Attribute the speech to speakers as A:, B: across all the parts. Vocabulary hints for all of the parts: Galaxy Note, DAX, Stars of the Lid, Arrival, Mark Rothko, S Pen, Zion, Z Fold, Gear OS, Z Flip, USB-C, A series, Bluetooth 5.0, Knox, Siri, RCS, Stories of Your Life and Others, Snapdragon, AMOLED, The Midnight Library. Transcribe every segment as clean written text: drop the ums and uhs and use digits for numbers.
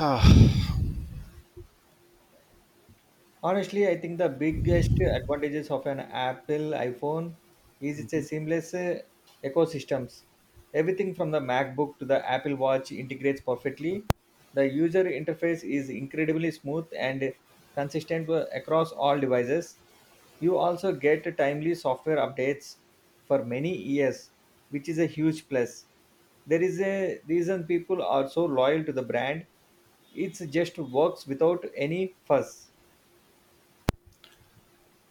A: Ah,
B: Honestly, I think the biggest advantages of an Apple iPhone is it's a
A: mhm.
B: seamless ecosystems. Everything from the MacBook to the Apple Watch integrates perfectly. The user interface is incredibly smooth and consistent across all devices. You also get timely software updates for many years, which is a huge plus. There is a reason people are so loyal to the brand. It just works without any fuss.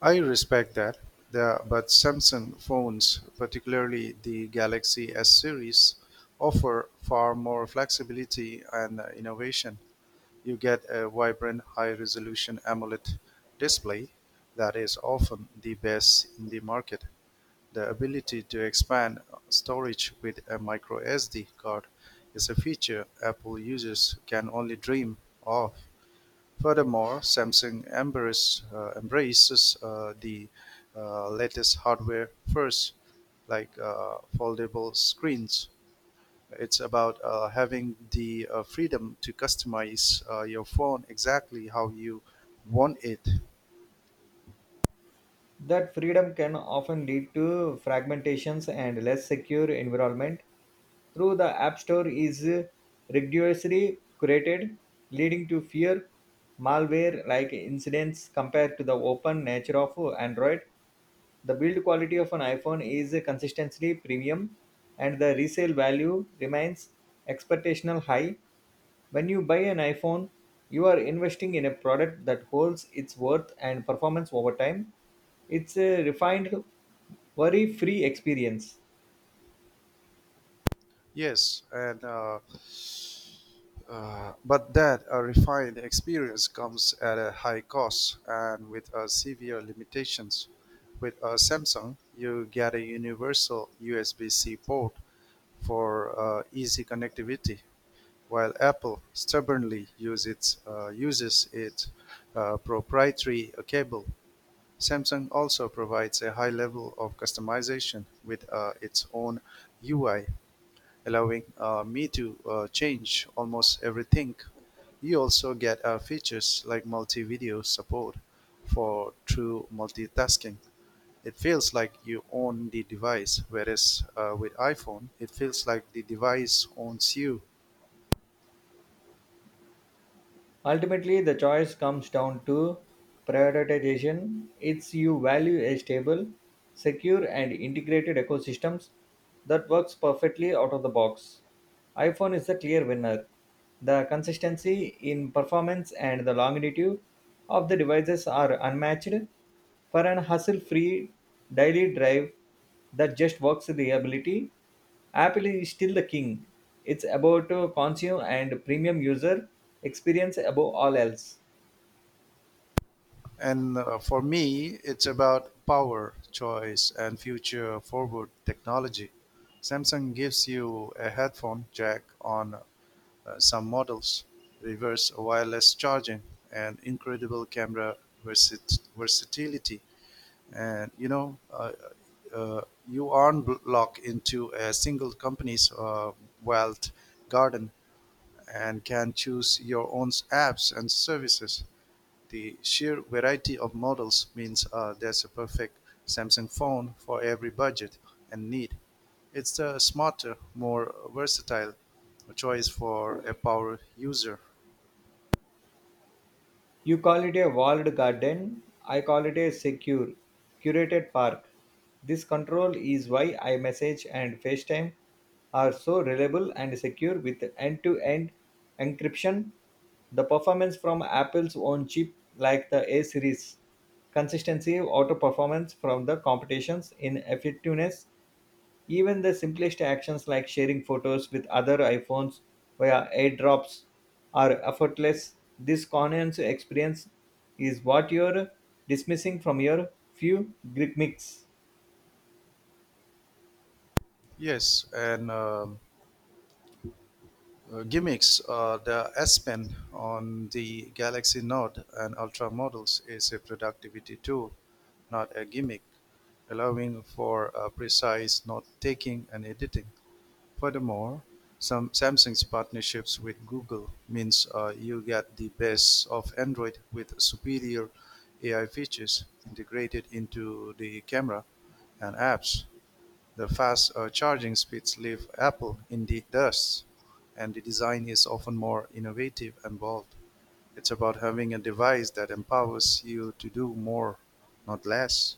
A: I respect that, but Samsung phones, particularly the Galaxy S series, offer far more flexibility and innovation. You get a vibrant high resolution AMOLED display that is often the best in the market. The ability to expand storage with a micro SD card is a feature Apple users can only dream of. Furthermore, Samsung embraces the latest hardware first, like foldable screens. It's about having the freedom to customize your phone exactly how you want it.
B: That freedom can often lead to fragmentations and less secure environment. Through the App Store is rigorously curated, leading to fear malware like incidents compared to the open nature of Android. The build quality of an iPhone is consistently premium and the resale value remains expectational high when you buy an iPhone, you are investing in a product that holds its worth and performance over time. It's a refined, worry free experience.
A: Yes, and but that a refined experience comes at a high cost and with severe limitations. With a Samsung, you get a universal USB-C port for easy connectivity, while Apple stubbornly uses its proprietary cable. Samsung also provides a high level of customization with its own UI, allowing me to change almost everything. You also get features like multi-video support for true multitasking. It feels like you own the device, whereas with iPhone, it feels like the device owns you.
B: Ultimately, the choice comes down to prioritization. It's you value a stable, secure, and integrated ecosystems that works perfectly out of the box. iPhone is the clear winner. The consistency in performance and the longevity of the devices are unmatched for an hassle-free daily drive that just works reliability Apple is still the king. It's about to consume and premium user experience above all else.
A: And for me, it's about power, choice, and future forward technology. Samsung gives you a headphone jack on some models, reverse wireless charging, and incredible camera versatility. And you know, uh, uh, you aren't locked into a single company's wealth garden and can choose your own apps and services. The sheer variety of models means there's a perfect Samsung phone for every budget and need. It's a smarter, more versatile choice for a power user.
B: You call it a walled garden, I call it a secure, curated park. This control is why iMessage and FaceTime are so reliable and secure with end to end encryption. The performance from Apple's own chip, like the A series, consistency, auto performance from the competitions in effectiveness Even the simplest actions like sharing photos with other iPhones via airdrops are effortless. This Conan's experience is what you're dismissing from your few gimmick mix.
A: Yes, and gimmicks, the S Pen on the Galaxy Note and Ultra models is a productivity tool, not a gimmick, allowing for precise note taking and editing. Furthermore, some Samsung's partnerships with Google means you get the best of Android with superior AI features integrated into the camera and apps. The fast charging speeds leave Apple in the dust, and the design is often more innovative and bold. It's about having a device that empowers you to do more, not less.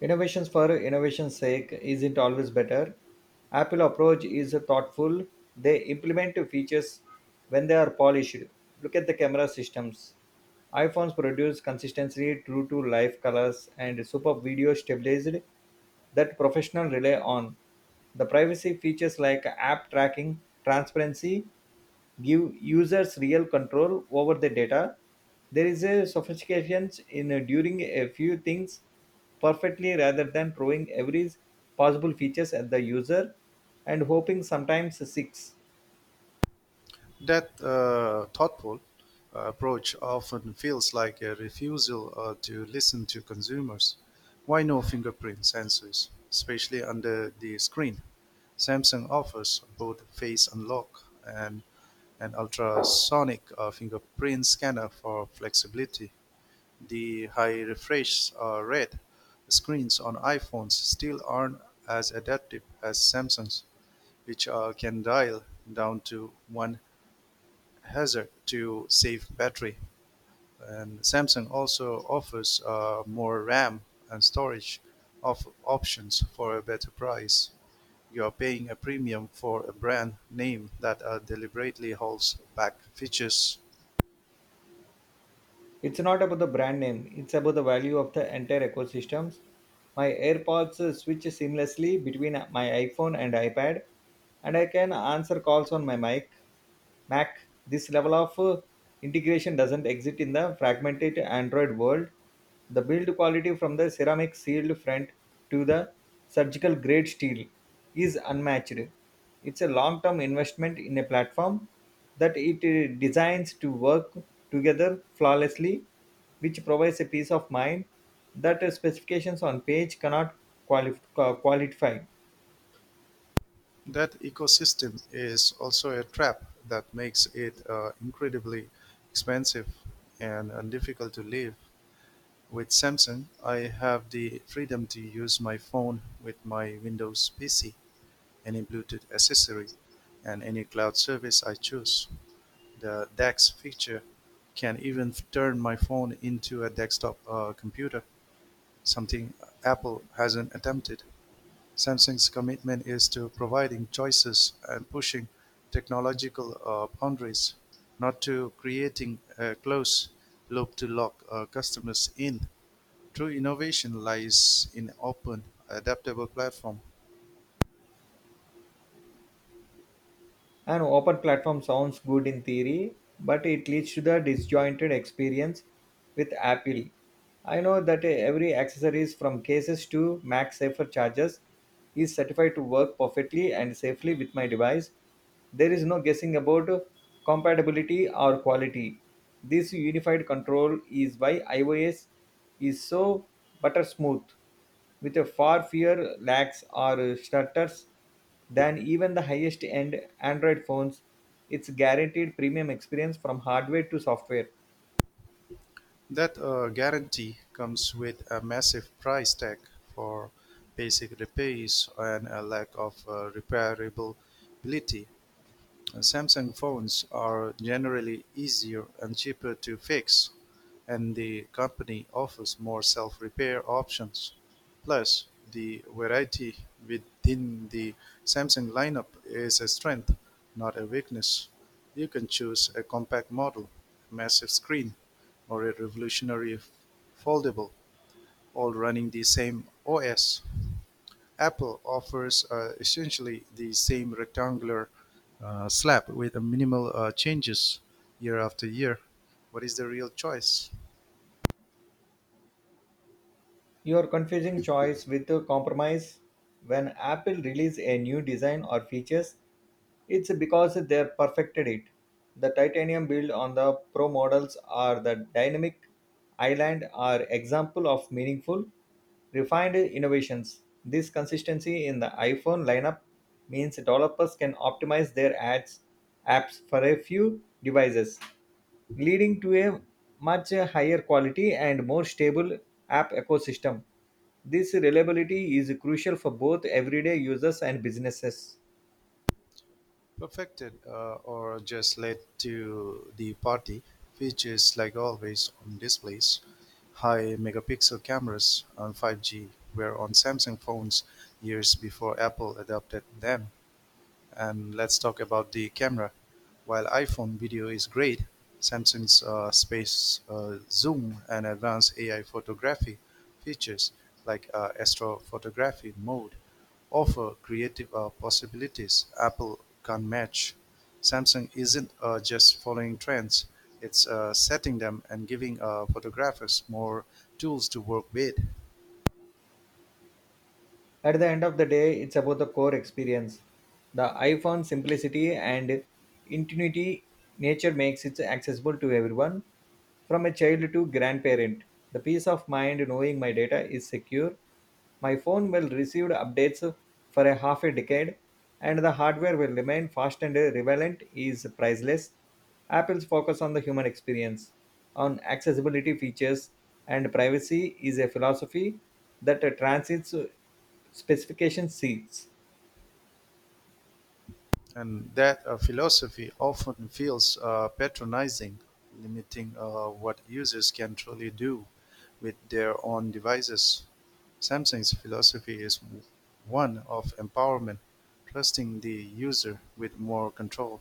B: Innovations for innovation's sake isn't always better. Apple approach is thoughtful. They implement features when they are polished. Look at the camera systems. iPhones produce consistency, true to life colors, and super video stabilized that professionals rely on. The privacy features like app tracking, transparency, give users real control over the data. There is a sophistication in doing a few things perfectly rather than throwing every possible features at the user and hoping sometimes six.
A: That thoughtful approach often feels like a refusal to listen to consumers. Why no fingerprint sensors, especially under the screen? Samsung offers both face unlock and an ultrasonic fingerprint scanner for flexibility. The high refresh rate screens on iPhones still aren't as adaptive as Samsung's, which can dial down to one hazard to save battery. And Samsung also offers more RAM and storage of options for a better price. You are paying a premium for a brand name that deliberately holds back features.
B: It's not about the brand name, it's about the value of the entire ecosystems. My AirPods switch seamlessly between my iPhone and iPad, and I can answer calls on my mic Mac. This level of integration doesn't exist in the fragmented Android world. The build quality from the ceramic sealed front to the surgical grade steel is unmatched. It's a long term investment in a platform that it designs to work together flawlessly, which provides a peace of mind that specifications on page cannot qualify.
A: That ecosystem is also a trap that makes it incredibly expensive and difficult to live. With Samsung, I have the freedom to use my phone with my Windows PC, any Bluetooth accessory, and any cloud service I choose. The Dex feature can even turn my phone into a desktop computer, something Apple hasn't attempted. Samsung's commitment is to providing choices and pushing technological boundaries, not to creating a closed loop to lock customers in. True innovation lies in open, adaptable platform.
B: An open platform sounds good in theory, but it leads to the disjointed experience with Apple. I know that every accessories from cases to Mac Safer chargers is certified to work perfectly and safely with my device. There is no guessing about compatibility or quality. This unified control is why iOS is so butter smooth with a far fewer lags or stutters than even the highest end Android phones. It's guaranteed premium experience from hardware to software.
A: That guarantee comes with a massive price tag for basic repairs and a lack of repairability. Samsung phones are generally easier and cheaper to fix, and the company offers more self-repair options. Plus, the variety within the Samsung lineup is a strength, not a weakness. You can choose a compact model, a massive screen, or a revolutionary foldable, all running the same OS. Apple offers essentially the same rectangular slab with a minimal changes year after year. What is the real choice?
B: You're confusing choice with a compromise. When Apple released a new design or features, it's because they perfected it. The titanium build on the Pro models or the dynamic island are example of meaningful, refined innovations. This consistency in the iPhone lineup means developers can optimize their ads apps for a few devices leading to a much higher quality and more stable app ecosystem. This reliability is crucial for both everyday users and businesses.
A: Perfected or just led to the party features like always on displays, high megapixel cameras, and 5G were on Samsung phones years before Apple adopted them. And let's talk about the camera. While iPhone video is great, Samsung's space zoom and advanced AI photography features like astrophotography mode offer creative possibilities Apple can't match. Samsung isn't just following trends, it's setting them and giving photographers more tools to work with.
B: At the end of the day, it's about the core experience. The iPhone simplicity and intuitive nature makes it accessible to everyone, from a child to grandparent. The peace of mind knowing my data is secure. My phone will receive updates for a half a decade, and the hardware will remain fast and relevant is priceless. Apple's focus on the human experience, on accessibility features, and privacy is a philosophy that transcends Specification seats.
A: And that philosophy often feels patronizing, limiting what users can truly do with their own devices. Samsung's philosophy is one of empowerment, trusting the user with more control,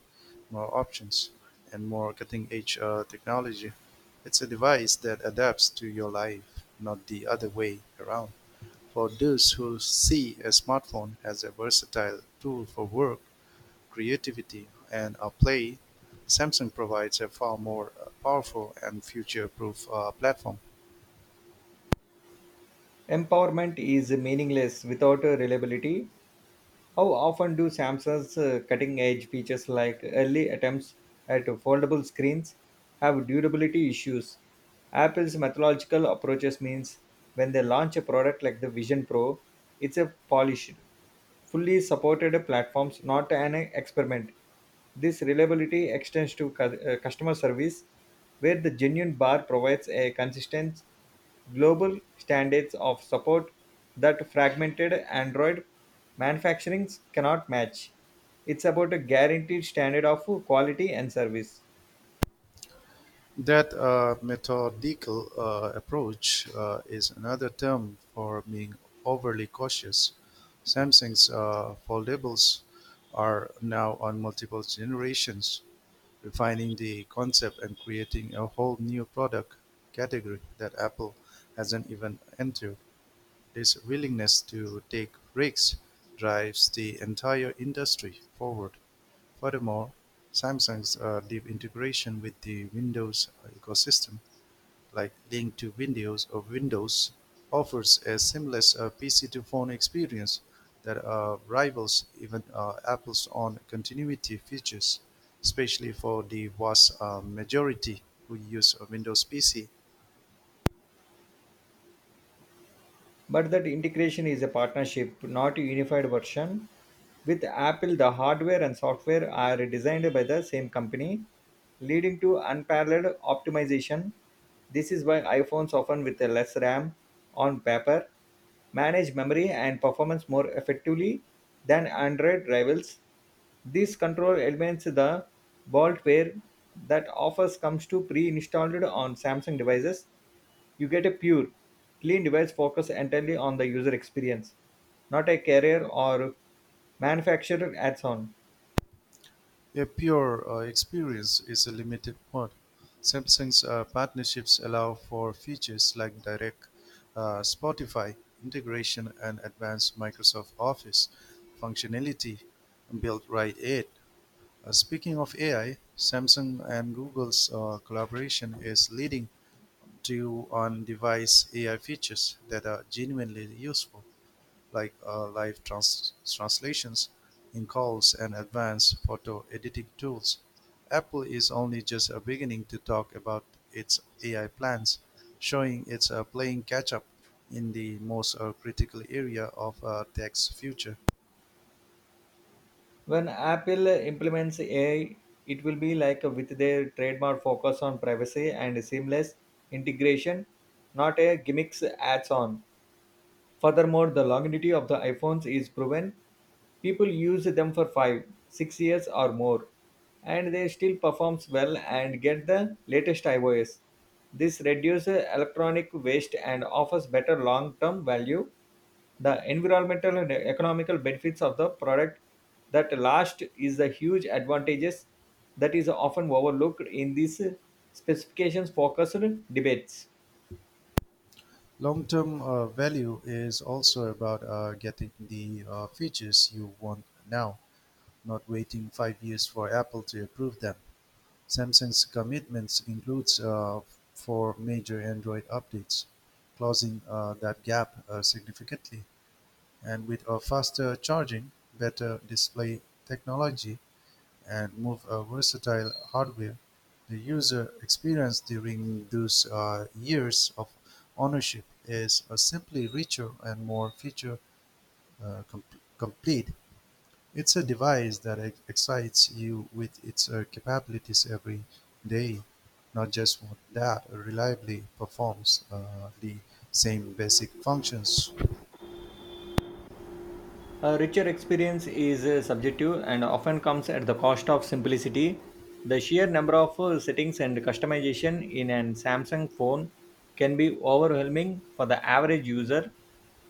A: more options, and more cutting edge technology. It's a device that adapts to your life, not the other way around. For those who see a smartphone as a versatile tool for work, creativity, and a play, Samsung provides a far more powerful and future-proof platform.
B: Empowerment is meaningless without reliability. How often do Samsung's cutting edge features like early attempts at foldable screens have durability issues? Apple's methodological approaches means when they launch a product like the Vision Pro, it's a polished, fully supported platforms, not an experiment. This reliability extends to customer service, where the genuine bar provides a consistent global standards of support that fragmented Android manufacturing cannot match. It's about a guaranteed standard of quality and service.
A: That methodical approach is another term for being overly cautious. Samsung's foldables are now on multiple generations, refining the concept and creating a whole new product category that Apple hasn't even entered. This willingness to take risks drives the entire industry forward. Furthermore, Samsung's deep integration with the Windows ecosystem, like Link to Windows or Windows, offers a seamless PC to phone experience that rivals even Apple's own continuity features, especially for the vast majority who use a Windows PC.
B: But that integration is a partnership, not a unified version. With Apple, the hardware and software are designed by the same company, leading to unparalleled optimization. This is why iPhones often with less RAM on paper manage memory and performance more effectively than Android rivals. This control eliminates the bloatware that often comes to pre-installed on Samsung devices. You get a pure, clean device focused entirely on the user experience, not a carrier or manufacturer add on
A: A pure experience is a limited mode. Samsung's partnerships allow for features like direct Spotify integration and advanced Microsoft Office functionality built right in. Speaking of AI, Samsung and Google's collaboration is leading to on device AI features that are genuinely useful like live translations in calls and advanced photo editing tools. Apple is only just beginning to talk about its AI plans, showing it's playing catch up in the most critical area of tech's future.
B: When Apple implements AI, it will be like with their trademark focus on privacy and seamless integration, not a gimmicks add on Furthermore, the longevity of the iPhones is proven. People use them for 5, 6 years or more and they still performs well and get the latest iOS. This reduces electronic waste and offers better long-term value. The environmental and economical benefits of the product that last is a huge advantages that is often overlooked in these specifications focused debates.
A: Long term value is also about getting the features you want now, not waiting 5 years for Apple to approve them. Samsung's commitments includes four major Android updates, closing that gap significantly. And with a faster charging, better display technology, and more versatile hardware, the user experience during those years of ownership is simply richer and more feature uh, com- complete. It's a device that excites you with its capabilities every day, not just one that reliably performs the same basic functions.
B: A richer experience is subjective and often comes at the cost of simplicity. The sheer number of settings and customization in an Samsung phone can be overwhelming for the average user.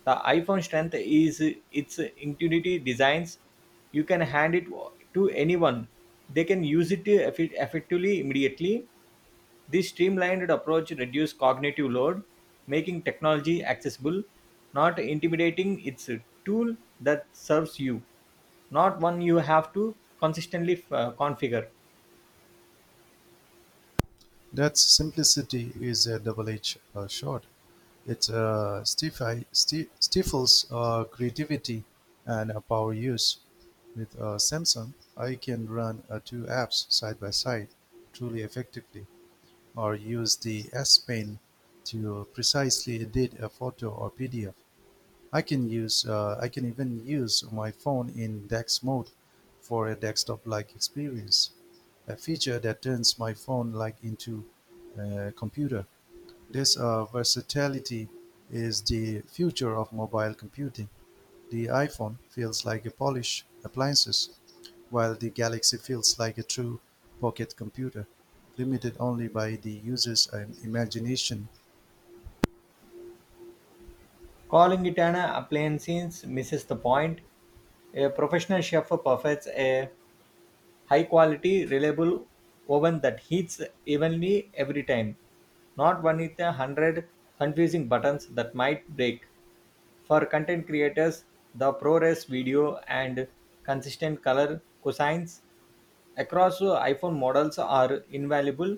B: The iPhone strength is its intuitive designs. You can hand it to anyone. They can use it effectively immediately this streamlined approach reduced cognitive load, making technology accessible, not intimidating. It's a tool that serves you, not one you have to consistently configure.
A: That simplicity is a double-edged sword. It stifles creativity and power use. With Samsung, I can run two apps side by side truly effectively, or use the S Pen to precisely edit a photo or PDF. I can even use my phone in DeX mode for a desktop-like experience, a feature that turns my phone like into a computer. This versatility is the future of mobile computing. The iPhone feels like a polished appliances while the Galaxy feels like a true pocket computer, limited only by the user's imagination.
B: Calling it an appliance misses the point. A professional chef perfects a high quality, reliable oven that heats evenly every time, not one with a hundred confusing buttons that might break. For content creators, the ProRes video and consistent color cosines across iPhone models are invaluable.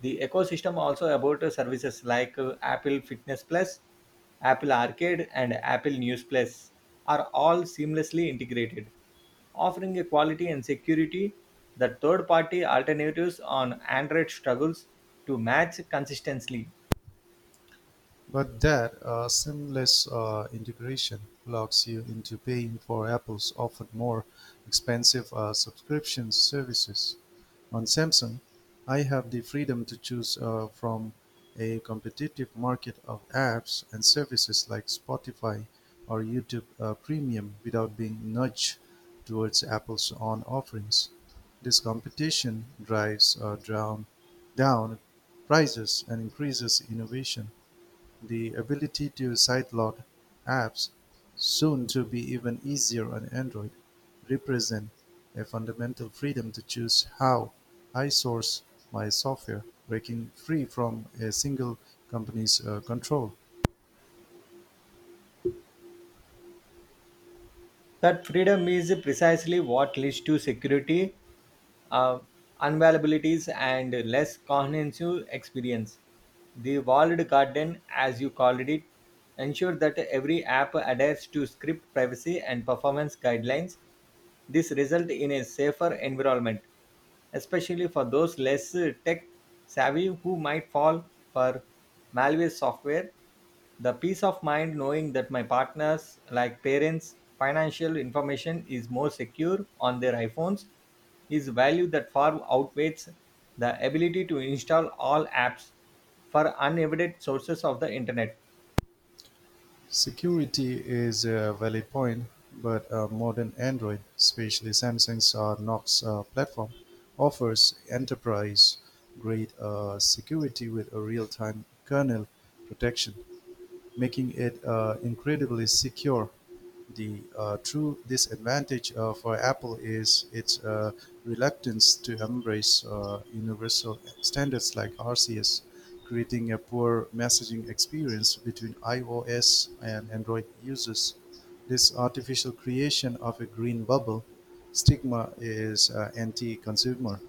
B: The ecosystem also about services like Apple Fitness Plus Apple Arcade and Apple News Plus are all seamlessly integrated, offering a quality and security that third party alternatives on Android struggles to match consistently.
A: But that seamless integration locks you into paying for Apple's often more expensive subscription services. On Samsung, I have the freedom to choose from a competitive market of apps and services like Spotify or YouTube Premium without being nudged towards Apple's own offerings. This competition drives down prices and increases innovation. The ability to sideload apps, soon to be even easier on Android, represent a fundamental freedom to choose how I source my software, breaking free from a single company's control.
B: That freedom is precisely what leads to security, uh, unavailabilities, and less comprehensive experience. The walled garden, as you called it, ensures that every app adheres to script privacy and performance guidelines This results in a safer environment, especially for those less tech savvy who might fall for malware software. The peace of mind knowing that my partners, like parents, financial information is more secure on their iPhones is value that far outweighs the ability to install all apps for unevited sources of the internet.
A: Security is a valid point, but modern Android, especially Samsung's Knox platform, offers enterprise grade security with a real time kernel protection, making it incredibly secure. The true disadvantage for Apple is its reluctance to embrace universal standards like RCS, creating a poor messaging experience between iOS and Android users. This artificial creation of a green bubble stigma is anti consumer.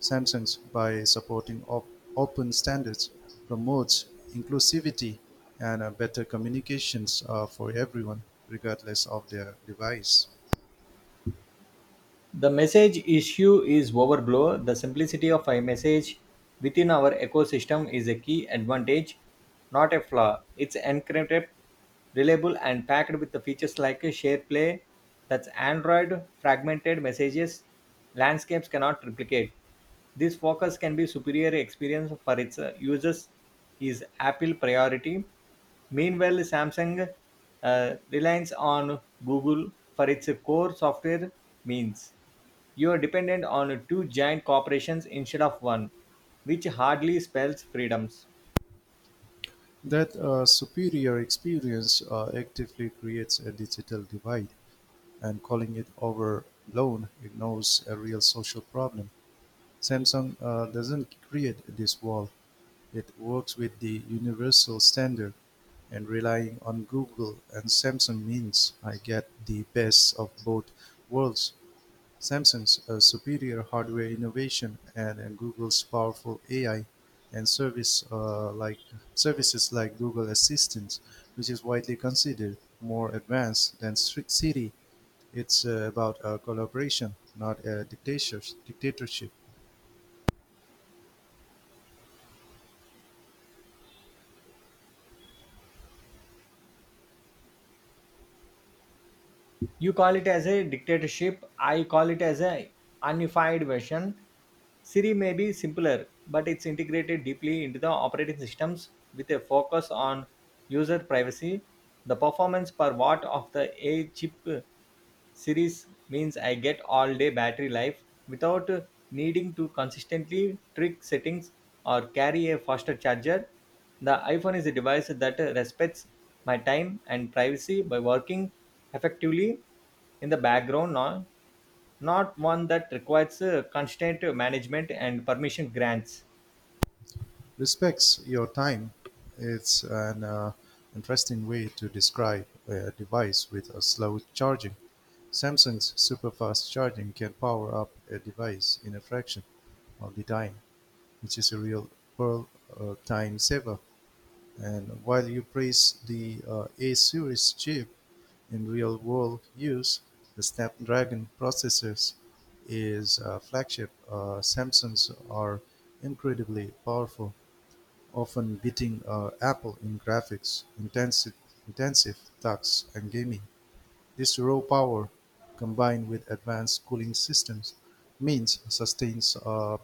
A: Samsung, by supporting open standards, promotes inclusivity and better communications for everyone, regardless of their device.
B: The message issue is overblown. The simplicity of a message within our ecosystem is a key advantage, not a flaw. It's encrypted, reliable, and packed with the features like SharePlay, that's Android, fragmented messages, landscapes cannot replicate. This focus can be superior experience for its users is Apple priority. Meanwhile, Samsung reliance on Google for its core software means. You are dependent on two giant corporations instead of one, which hardly spells freedoms.
A: That superior experience actively creates a digital divide, and calling it overblown ignores a real social problem. Samsung doesn't create this wall, it works with the universal standard, and relying on Google and Samsung means I get the best of both worlds. Samsung's superior hardware innovation and Google's powerful AI and services like Google Assistant, which is widely considered more advanced than Siri. It's about collaboration, not a dictatorship.
B: You call it as a dictatorship, I call it as a unified version. Siri may be simpler, but it's integrated deeply into the operating systems with a focus on user privacy. The performance per watt of the A chip series means I get all day battery life without needing to consistently trick settings or carry a faster charger. The iPhone is a device that respects my time and privacy by working effectively in the background, not one that requires constant management and permission grants.
A: Respects your time. It's an interesting way to describe a device with a slow charging. Samsung's superfast charging can power up a device in a fraction of the time, which is a real pearl time saver. And while you praise the A series chip in real world use, the Snapdragon processors is a flagship. Samsungs are incredibly powerful, often beating Apple in graphics-intensive tasks and gaming. This raw power, combined with advanced cooling systems, means sustains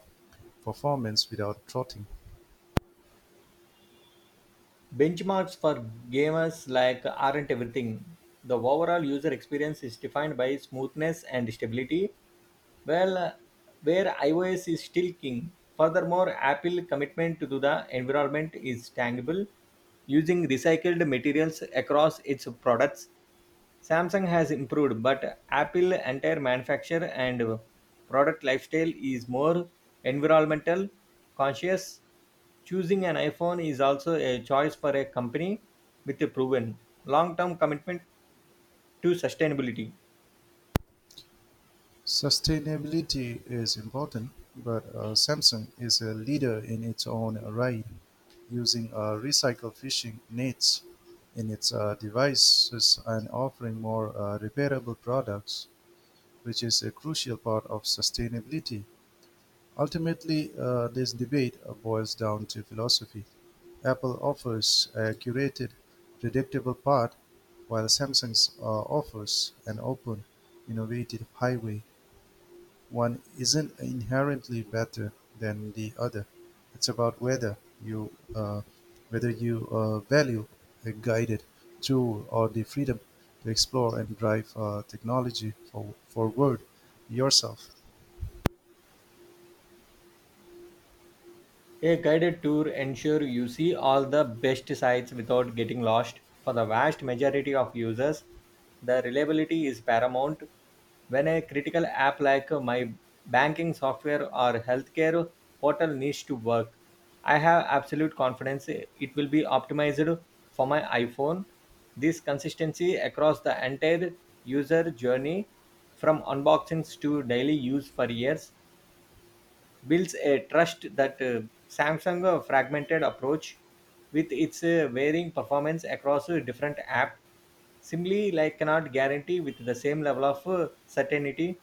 A: performance without throttling.
B: Benchmarks for gamers like aren't everything. The overall user experience is defined by smoothness and stability well, where iOS is still king. Furthermore, Apple commitment to the environment is tangible, using recycled materials across its products. Samsung has improved, but Apple entire manufacture and product lifestyle is more environmental conscious. Choosing an iPhone is also a choice for a company with a proven long-term commitment to sustainability.
A: Sustainability is important, but Samsung is a leader in its own right, using recycled fishing nets in its devices and offering more repairable products, which is a crucial part of sustainability. Ultimately, this debate boils down to philosophy. Apple offers a curated, predictable path, while Samsung offers an open, innovative highway. One isn't inherently better than the other. It's about you uh, whether you value a guided tool or the freedom to explore and drive technology forward yourself.
B: A guided tour ensures you see all the best sites without getting lost. For the vast majority of users, the reliability is paramount. When a critical app like my banking software or healthcare portal needs to work, I have absolute confidence it will be optimized for my iPhone. This consistency across the entire user journey from unboxings to daily use for years builds a trust that Samsung fragmented approach with its varying performance across different app simply like cannot guarantee with the same level of certainty.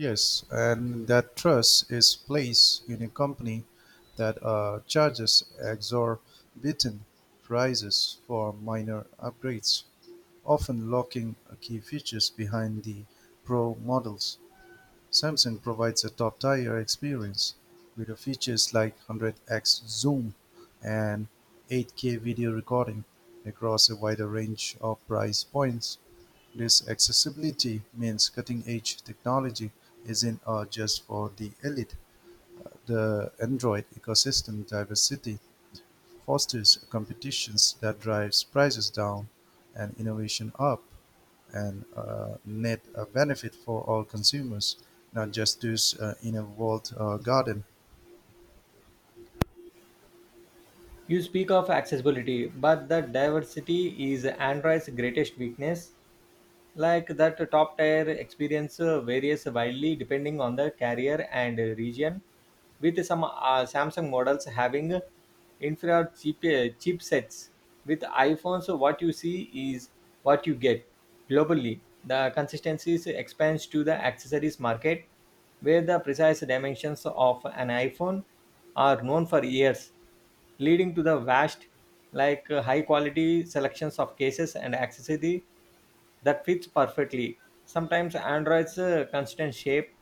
A: Yes, and that trust is placed in a company that charges exorbitant prices for minor upgrades, often locking key features behind the Pro models. Samsung provides a top tier experience with features like 100x zoom and 8K video recording across a wider range of price points. This accessibility means cutting-edge technology isn't just for the elite. The Android ecosystem diversity fosters competitions that drives prices down and innovation up and net a benefit for all consumers, not just those in a walled garden.
B: You speak of accessibility, but the diversity is Android's greatest weakness, like that top tier experience varies widely depending on the carrier and region, with some Samsung models having infrared chipsets. With iPhones, what you see is what you get globally. The consistency expands to the accessories market, where the precise dimensions of an iPhone are known for years, leading to the vast high quality selections of cases and accessory that fits perfectly. Sometimes Android's constant shape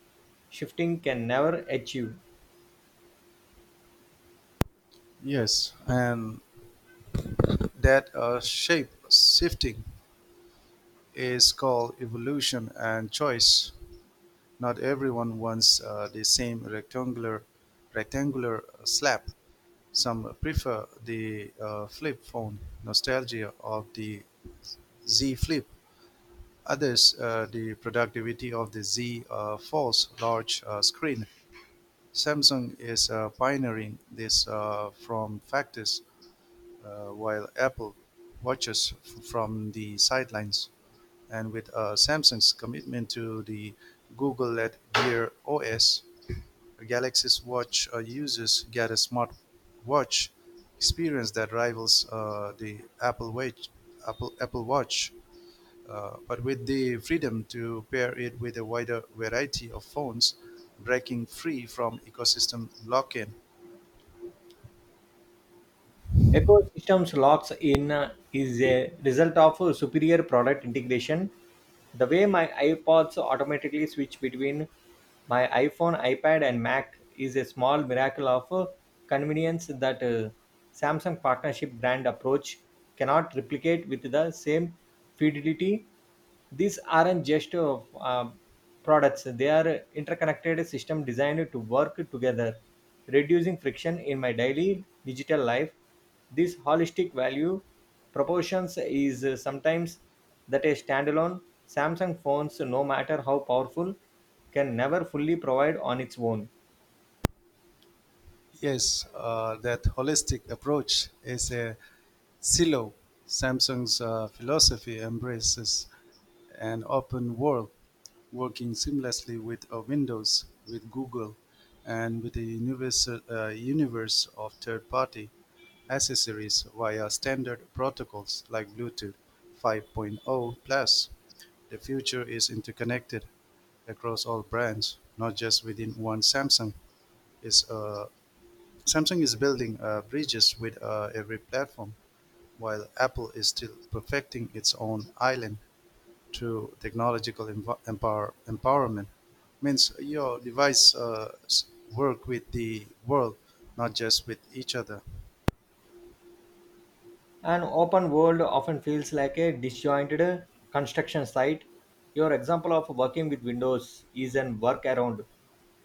B: shifting can never achieve.
A: Yes, and that shape shifting is called evolution and choice. Not everyone wants the same rectangular slab. Some prefer the flip phone nostalgia of the Z Flip. Others, the productivity of the Z Fold's large screen. Samsung is pioneering this from factories, while Apple watches from the sidelines. And with Samsung's commitment to the Google-led Gear OS, Galaxy's Watch users get a smart watch experience that rivals the Apple Watch but with the freedom to pair it with a wider variety of phones, breaking free from ecosystem lock-in.
B: Ecosystems locks in is a result of superior product integration. The way my iPods automatically switch between my iPhone, iPad, and Mac is a small miracle of convenience that Samsung partnership brand approach cannot replicate with the same fidelity. These aren't just products, they are interconnected system designed to work together, reducing friction in my daily digital life. This holistic value proportions is sometimes that a standalone Samsung phones, no matter how powerful, can never fully provide on its own.
A: Yes, that holistic approach is a silo. Samsung's philosophy embraces an open world working seamlessly with Windows, with Google, and with a universe of third-party accessories via standard protocols like Bluetooth 5.0 plus. The future is interconnected across all brands, not just within one Samsung. Is Samsung is building bridges with every platform, while Apple is still perfecting its own island to technological empowerment means your device work with the world, not just with each other.
B: An open world often feels like a disjointed construction site. Your example of working with Windows is an workaround,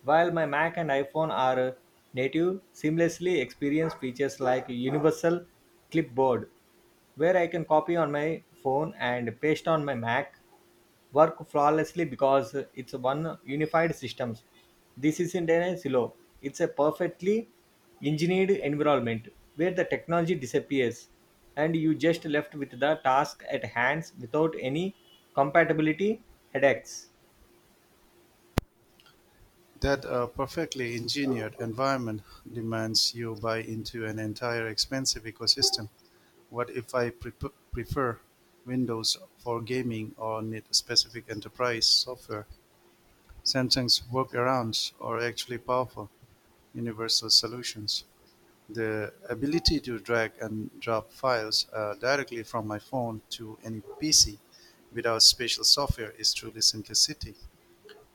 B: while my Mac and iPhone are native, seamlessly experience features like universal clipboard, where I can copy on my phone and paste on my Mac work flawlessly because it's one unified systems. This isn't a silo. It's a perfectly engineered environment where the technology disappears and you just left with the task at hand without any compatibility headaches.
A: That perfectly engineered environment demands you buy into an entire expensive ecosystem. What if I prefer Windows for gaming or need specific enterprise software? Samsung's workarounds are actually powerful, universal solutions. The ability to drag and drop files directly from my phone to any PC without special software is truly simplicity.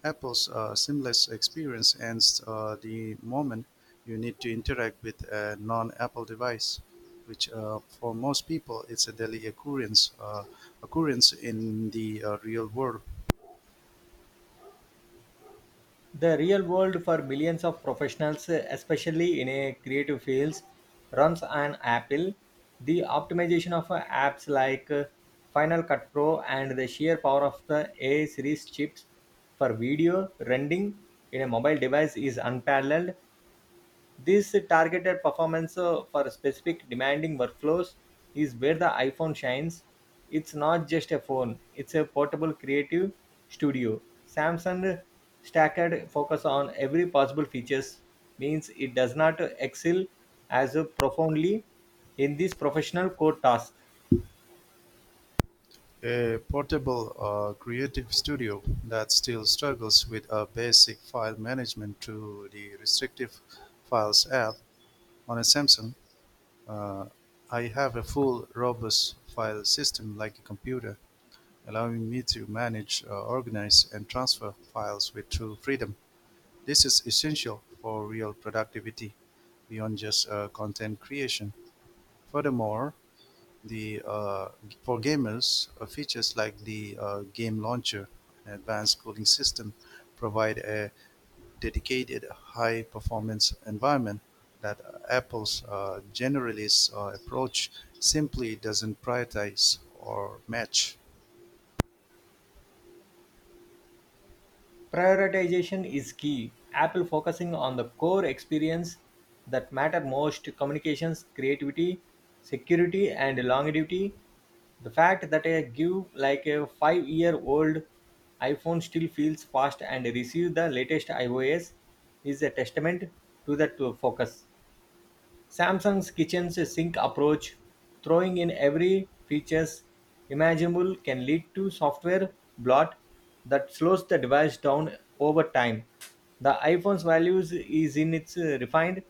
A: Apple's seamless experience ends the moment you need to interact with a non-Apple device, which for most people it's a daily occurrence in the real world.
B: The real world for millions of professionals, especially in a creative fields, runs on Apple. The optimization of apps like Final Cut Pro and the sheer power of the A series chips for video rendering in a mobile device is unparalleled. This targeted performance for specific demanding workflows is where the iPhone shines. It's not just a phone, it's a portable creative studio. Samsung stacked focus on every possible features means it does not excel as profoundly in this professional core task.
A: A portable or creative studio that still struggles with a basic file management to the restrictive files app on a Samsung, uh, I have a full robust file system like a computer, allowing me to manage, organize, and transfer files with true freedom. This is essential for real productivity beyond just content creation. Furthermore, the for gamers, features like the Game Launcher and advanced cooling system provide a dedicated high-performance environment that Apple's generalist approach simply doesn't prioritize or match.
B: Prioritization is key. Apple focusing on the core experience that matter most communications, creativity, security, and longevity. The fact that a give like a 5-year old iPhone still feels fast and receive the latest iOS is a testament to that focus. Samsung's kitchen sink approach, throwing in every features imaginable, can lead to software bloat that slows the device down over time. The iPhone's values is in its refined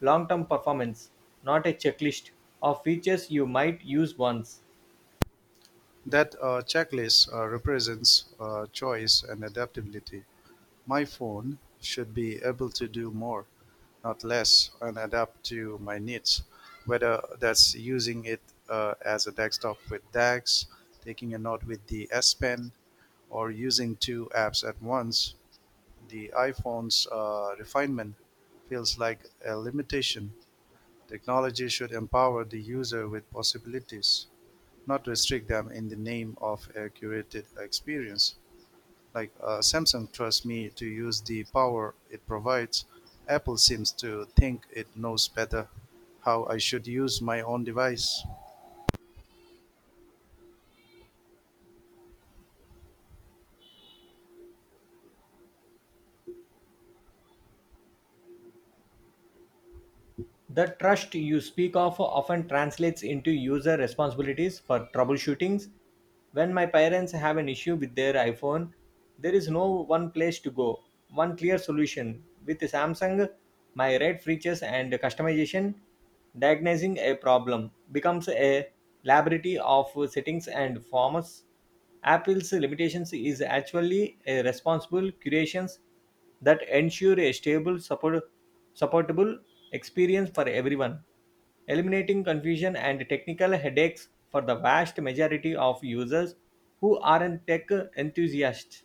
B: long-term performance, not a checklist of features you might use once.
A: That checklist represents choice and adaptability. My phone should be able to do more, not less, and adapt to my needs, whether that's using it as a desktop with DAX, taking a note with the S Pen, or using two apps at once. The iPhone's refinement feels like a limitation. Technology should empower the user with possibilities, not restrict them in the name of a curated experience like Samsung trusts me to use the power it provides. Apple seems to think it knows better how I should use my own device,
B: The trust you speak of often translates into user responsibilities for troubleshootings. When my parents have an issue with their iPhone, there is no one place to go, one clear solution. With Samsung, my red features and customization, diagnosing a problem becomes a library of settings and forms. Apple's limitations is actually a responsible curations that ensure a stable, supportable experience for everyone, eliminating confusion and technical headaches for the vast majority of users who aren't tech enthusiasts.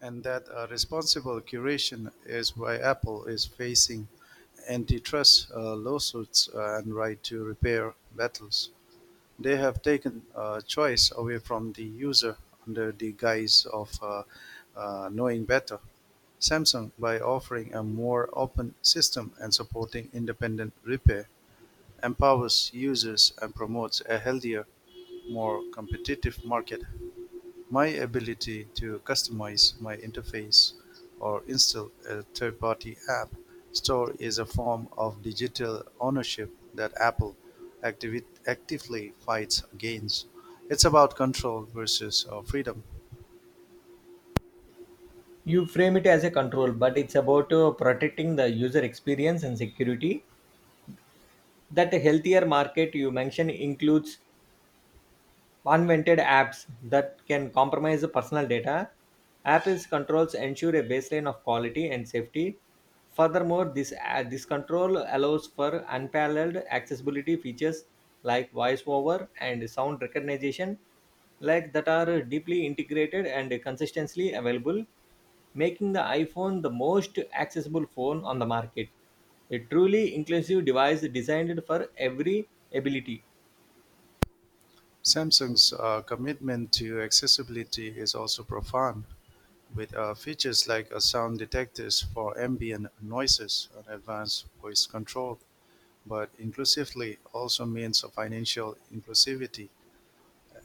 A: and that responsible curation is why Apple is facing antitrust lawsuits and right to repair battles. They have taken choice away from the user under the guise of knowing better. Samsung, by offering a more open system and supporting independent repair, empowers users and promotes a healthier, more competitive market. My ability to customize my interface or install a third-party app store is a form of digital ownership that Apple actively fights against. It's about control versus freedom.
B: You frame it as a control, but it's about protecting the user experience and security. That healthier market you mentioned includes unwanted apps that can compromise the personal data. Apple's controls ensure a baseline of quality and safety. Furthermore, this control allows for unparalleled accessibility features like voiceover and sound recognition, like that are deeply integrated and consistently available, making the iPhone the most accessible phone on the market. A truly inclusive device designed for every ability.
A: Samsung's commitment to accessibility is also profound, with features like sound detectors for ambient noises and advanced voice control. But inclusively also means financial inclusivity.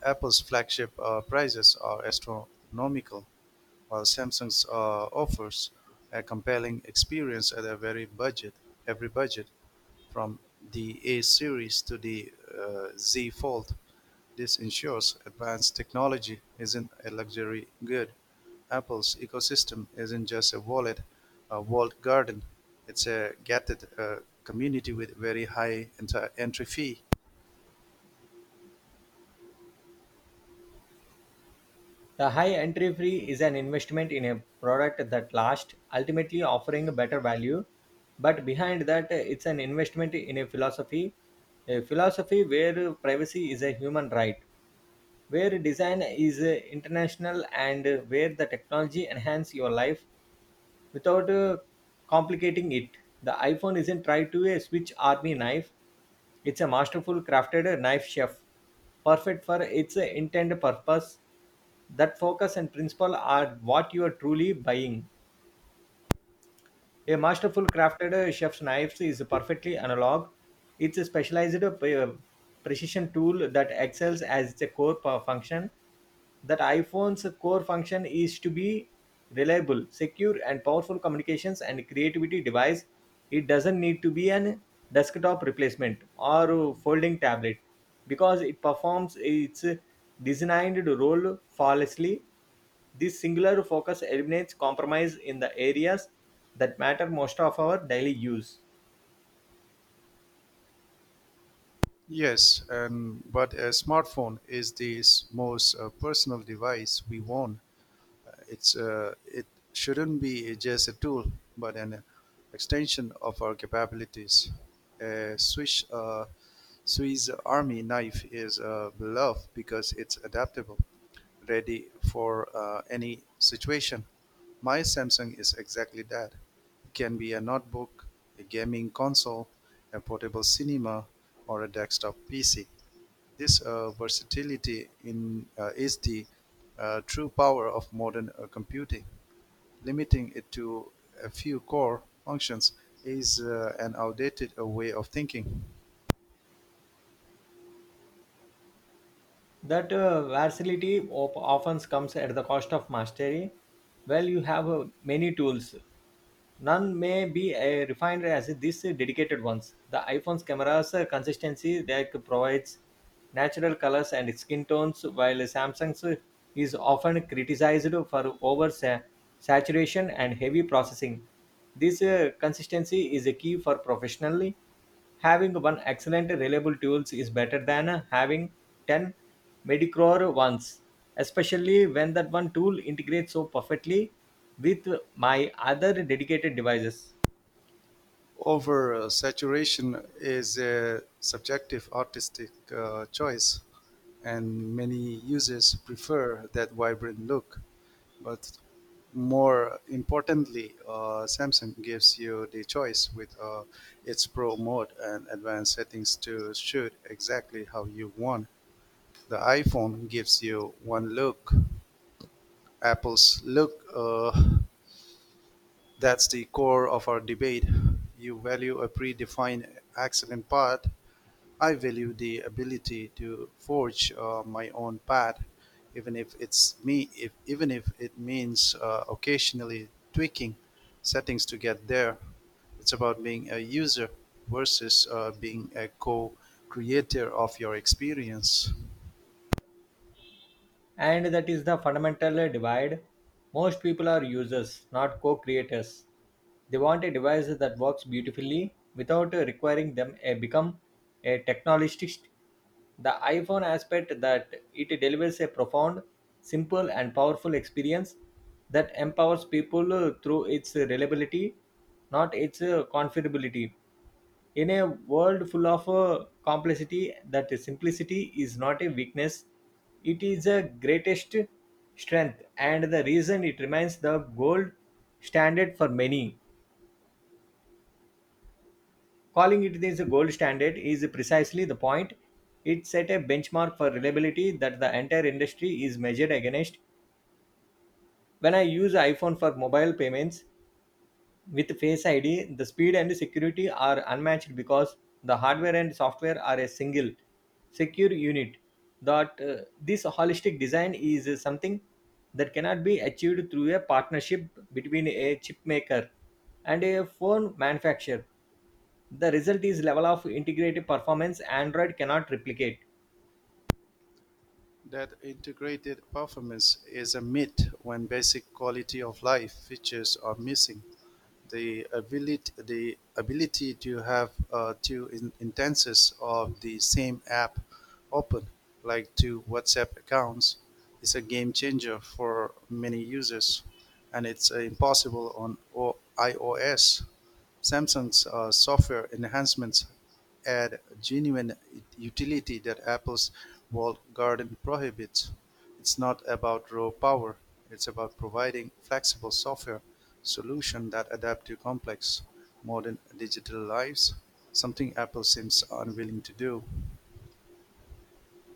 A: Apple's flagship prices are astronomical, while Samsung's offers a compelling experience at every budget, from the A series to the Z Fold. This ensures advanced technology isn't a luxury good. Apple's ecosystem isn't just a walled garden. It's a gated community with very high entry fee.
B: The high entry fee is an investment in a product that lasts, ultimately offering better value. But behind that, it's an investment in a philosophy where privacy is a human right, where design is international, and where the technology enhances your life without complicating it. The iPhone isn't tried to a Swiss Army knife. It's a masterful crafted knife chef, perfect for its intended purpose. That focus and principle are what you are truly buying. A masterful crafted chef's knife is perfectly analog. It's a specialized precision tool that excels as the core function. That iPhone's core function is to be reliable, secure, and powerful communications and creativity device. It doesn't need to be an desktop replacement or folding tablet because it performs its designed role flawlessly. This singular focus eliminates compromise in the areas that matter most of our daily use.
A: Yes, and but a smartphone is the most personal device we own. It shouldn't be just a tool, but an extension of our capabilities. A Swiss Army knife is beloved because it's adaptable, ready for any situation. My Samsung is exactly that. It can be a notebook, a gaming console, a portable cinema, or a desktop PC. This versatility is the true power of modern computing. Limiting it to a few core functions is an outdated way of thinking.
B: That versatility often comes at the cost of mastery. Well, you have many tools, none may be refined as these dedicated ones. The iPhone's camera's consistency that provides natural colors and skin tones, while Samsung's is often criticized for saturation and heavy processing. This consistency is a key for professionally. Having one excellent reliable tools is better than having 10 mediocre ones, especially when that one tool integrates so perfectly with my other dedicated devices.
A: Over saturation is a subjective artistic choice, and many users prefer that vibrant look. But more importantly, Samsung gives you the choice with its Pro mode and advanced settings to shoot exactly how you want. The iPhone gives you one look. Apple's look, that's the core of our debate. You value a predefined, excellent part. I value the ability to forge my own path, even if it means occasionally tweaking settings to get there. It's about being a user versus being a co-creator of your experience.
B: And that is the fundamental divide. Most people are users, not co-creators. They want a device that works beautifully without requiring them to become a technologist. The iPhone aspect that it delivers a profound simple and powerful experience that empowers people through its reliability, not its configurability. In a world full of complexity, that simplicity is not a weakness, it is a greatest strength, and the reason it remains the gold standard for many. Calling it is a gold standard is precisely the point. It set a benchmark for reliability that the entire industry is measured against. When I use iPhone for mobile payments with Face ID, the speed and security are unmatched because the hardware and software are a single secure unit. That This holistic design is something that cannot be achieved through a partnership between a chip maker and a phone manufacturer. The result is level of integrated performance Android cannot replicate.
A: That integrated performance is a myth when basic quality of life features are missing. The ability to have two instances of the same app open, like two WhatsApp accounts, is a game changer for many users, and it's impossible on iOS. Samsung's software enhancements add genuine utility that Apple's walled garden prohibits. It's not about raw power, it's about providing flexible software solutions that adapt to complex modern digital lives, something Apple seems unwilling to do.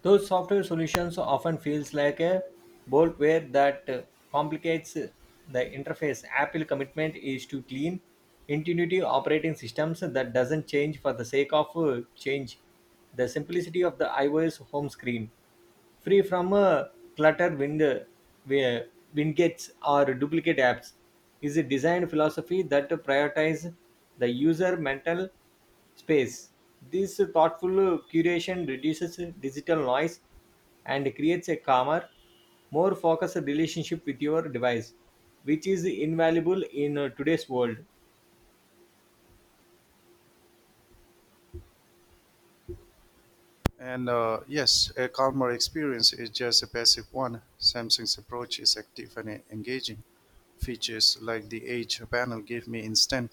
B: Those software solutions often feels like a boltware that complicates the interface. Apple commitment is to clean, intuitive operating systems that doesn't change for the sake of change. The simplicity of the iOS home screen free from a clutter wind, where widgets or duplicate apps is a design philosophy that prioritizes the user mental space. This thoughtful curation reduces digital noise and creates a calmer, more focused relationship with your device, which is invaluable in today's world.
A: And yes, a calmer experience is just a passive one. Samsung's approach is active and engaging. Features like the Edge panel give me instant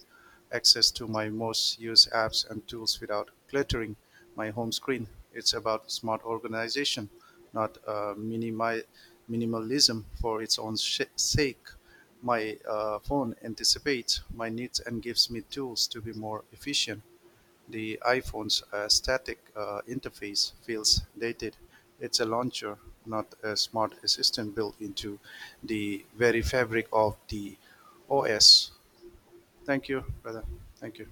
A: access to my most used apps and tools without cluttering my home screen. It's about smart organization, not minimalism for its own sake. My phone anticipates my needs and gives me tools to be more efficient. The iPhone's static interface feels dated. It's a launcher, not a smart assistant built into the very fabric of the OS. Thank you, brother. Thank you.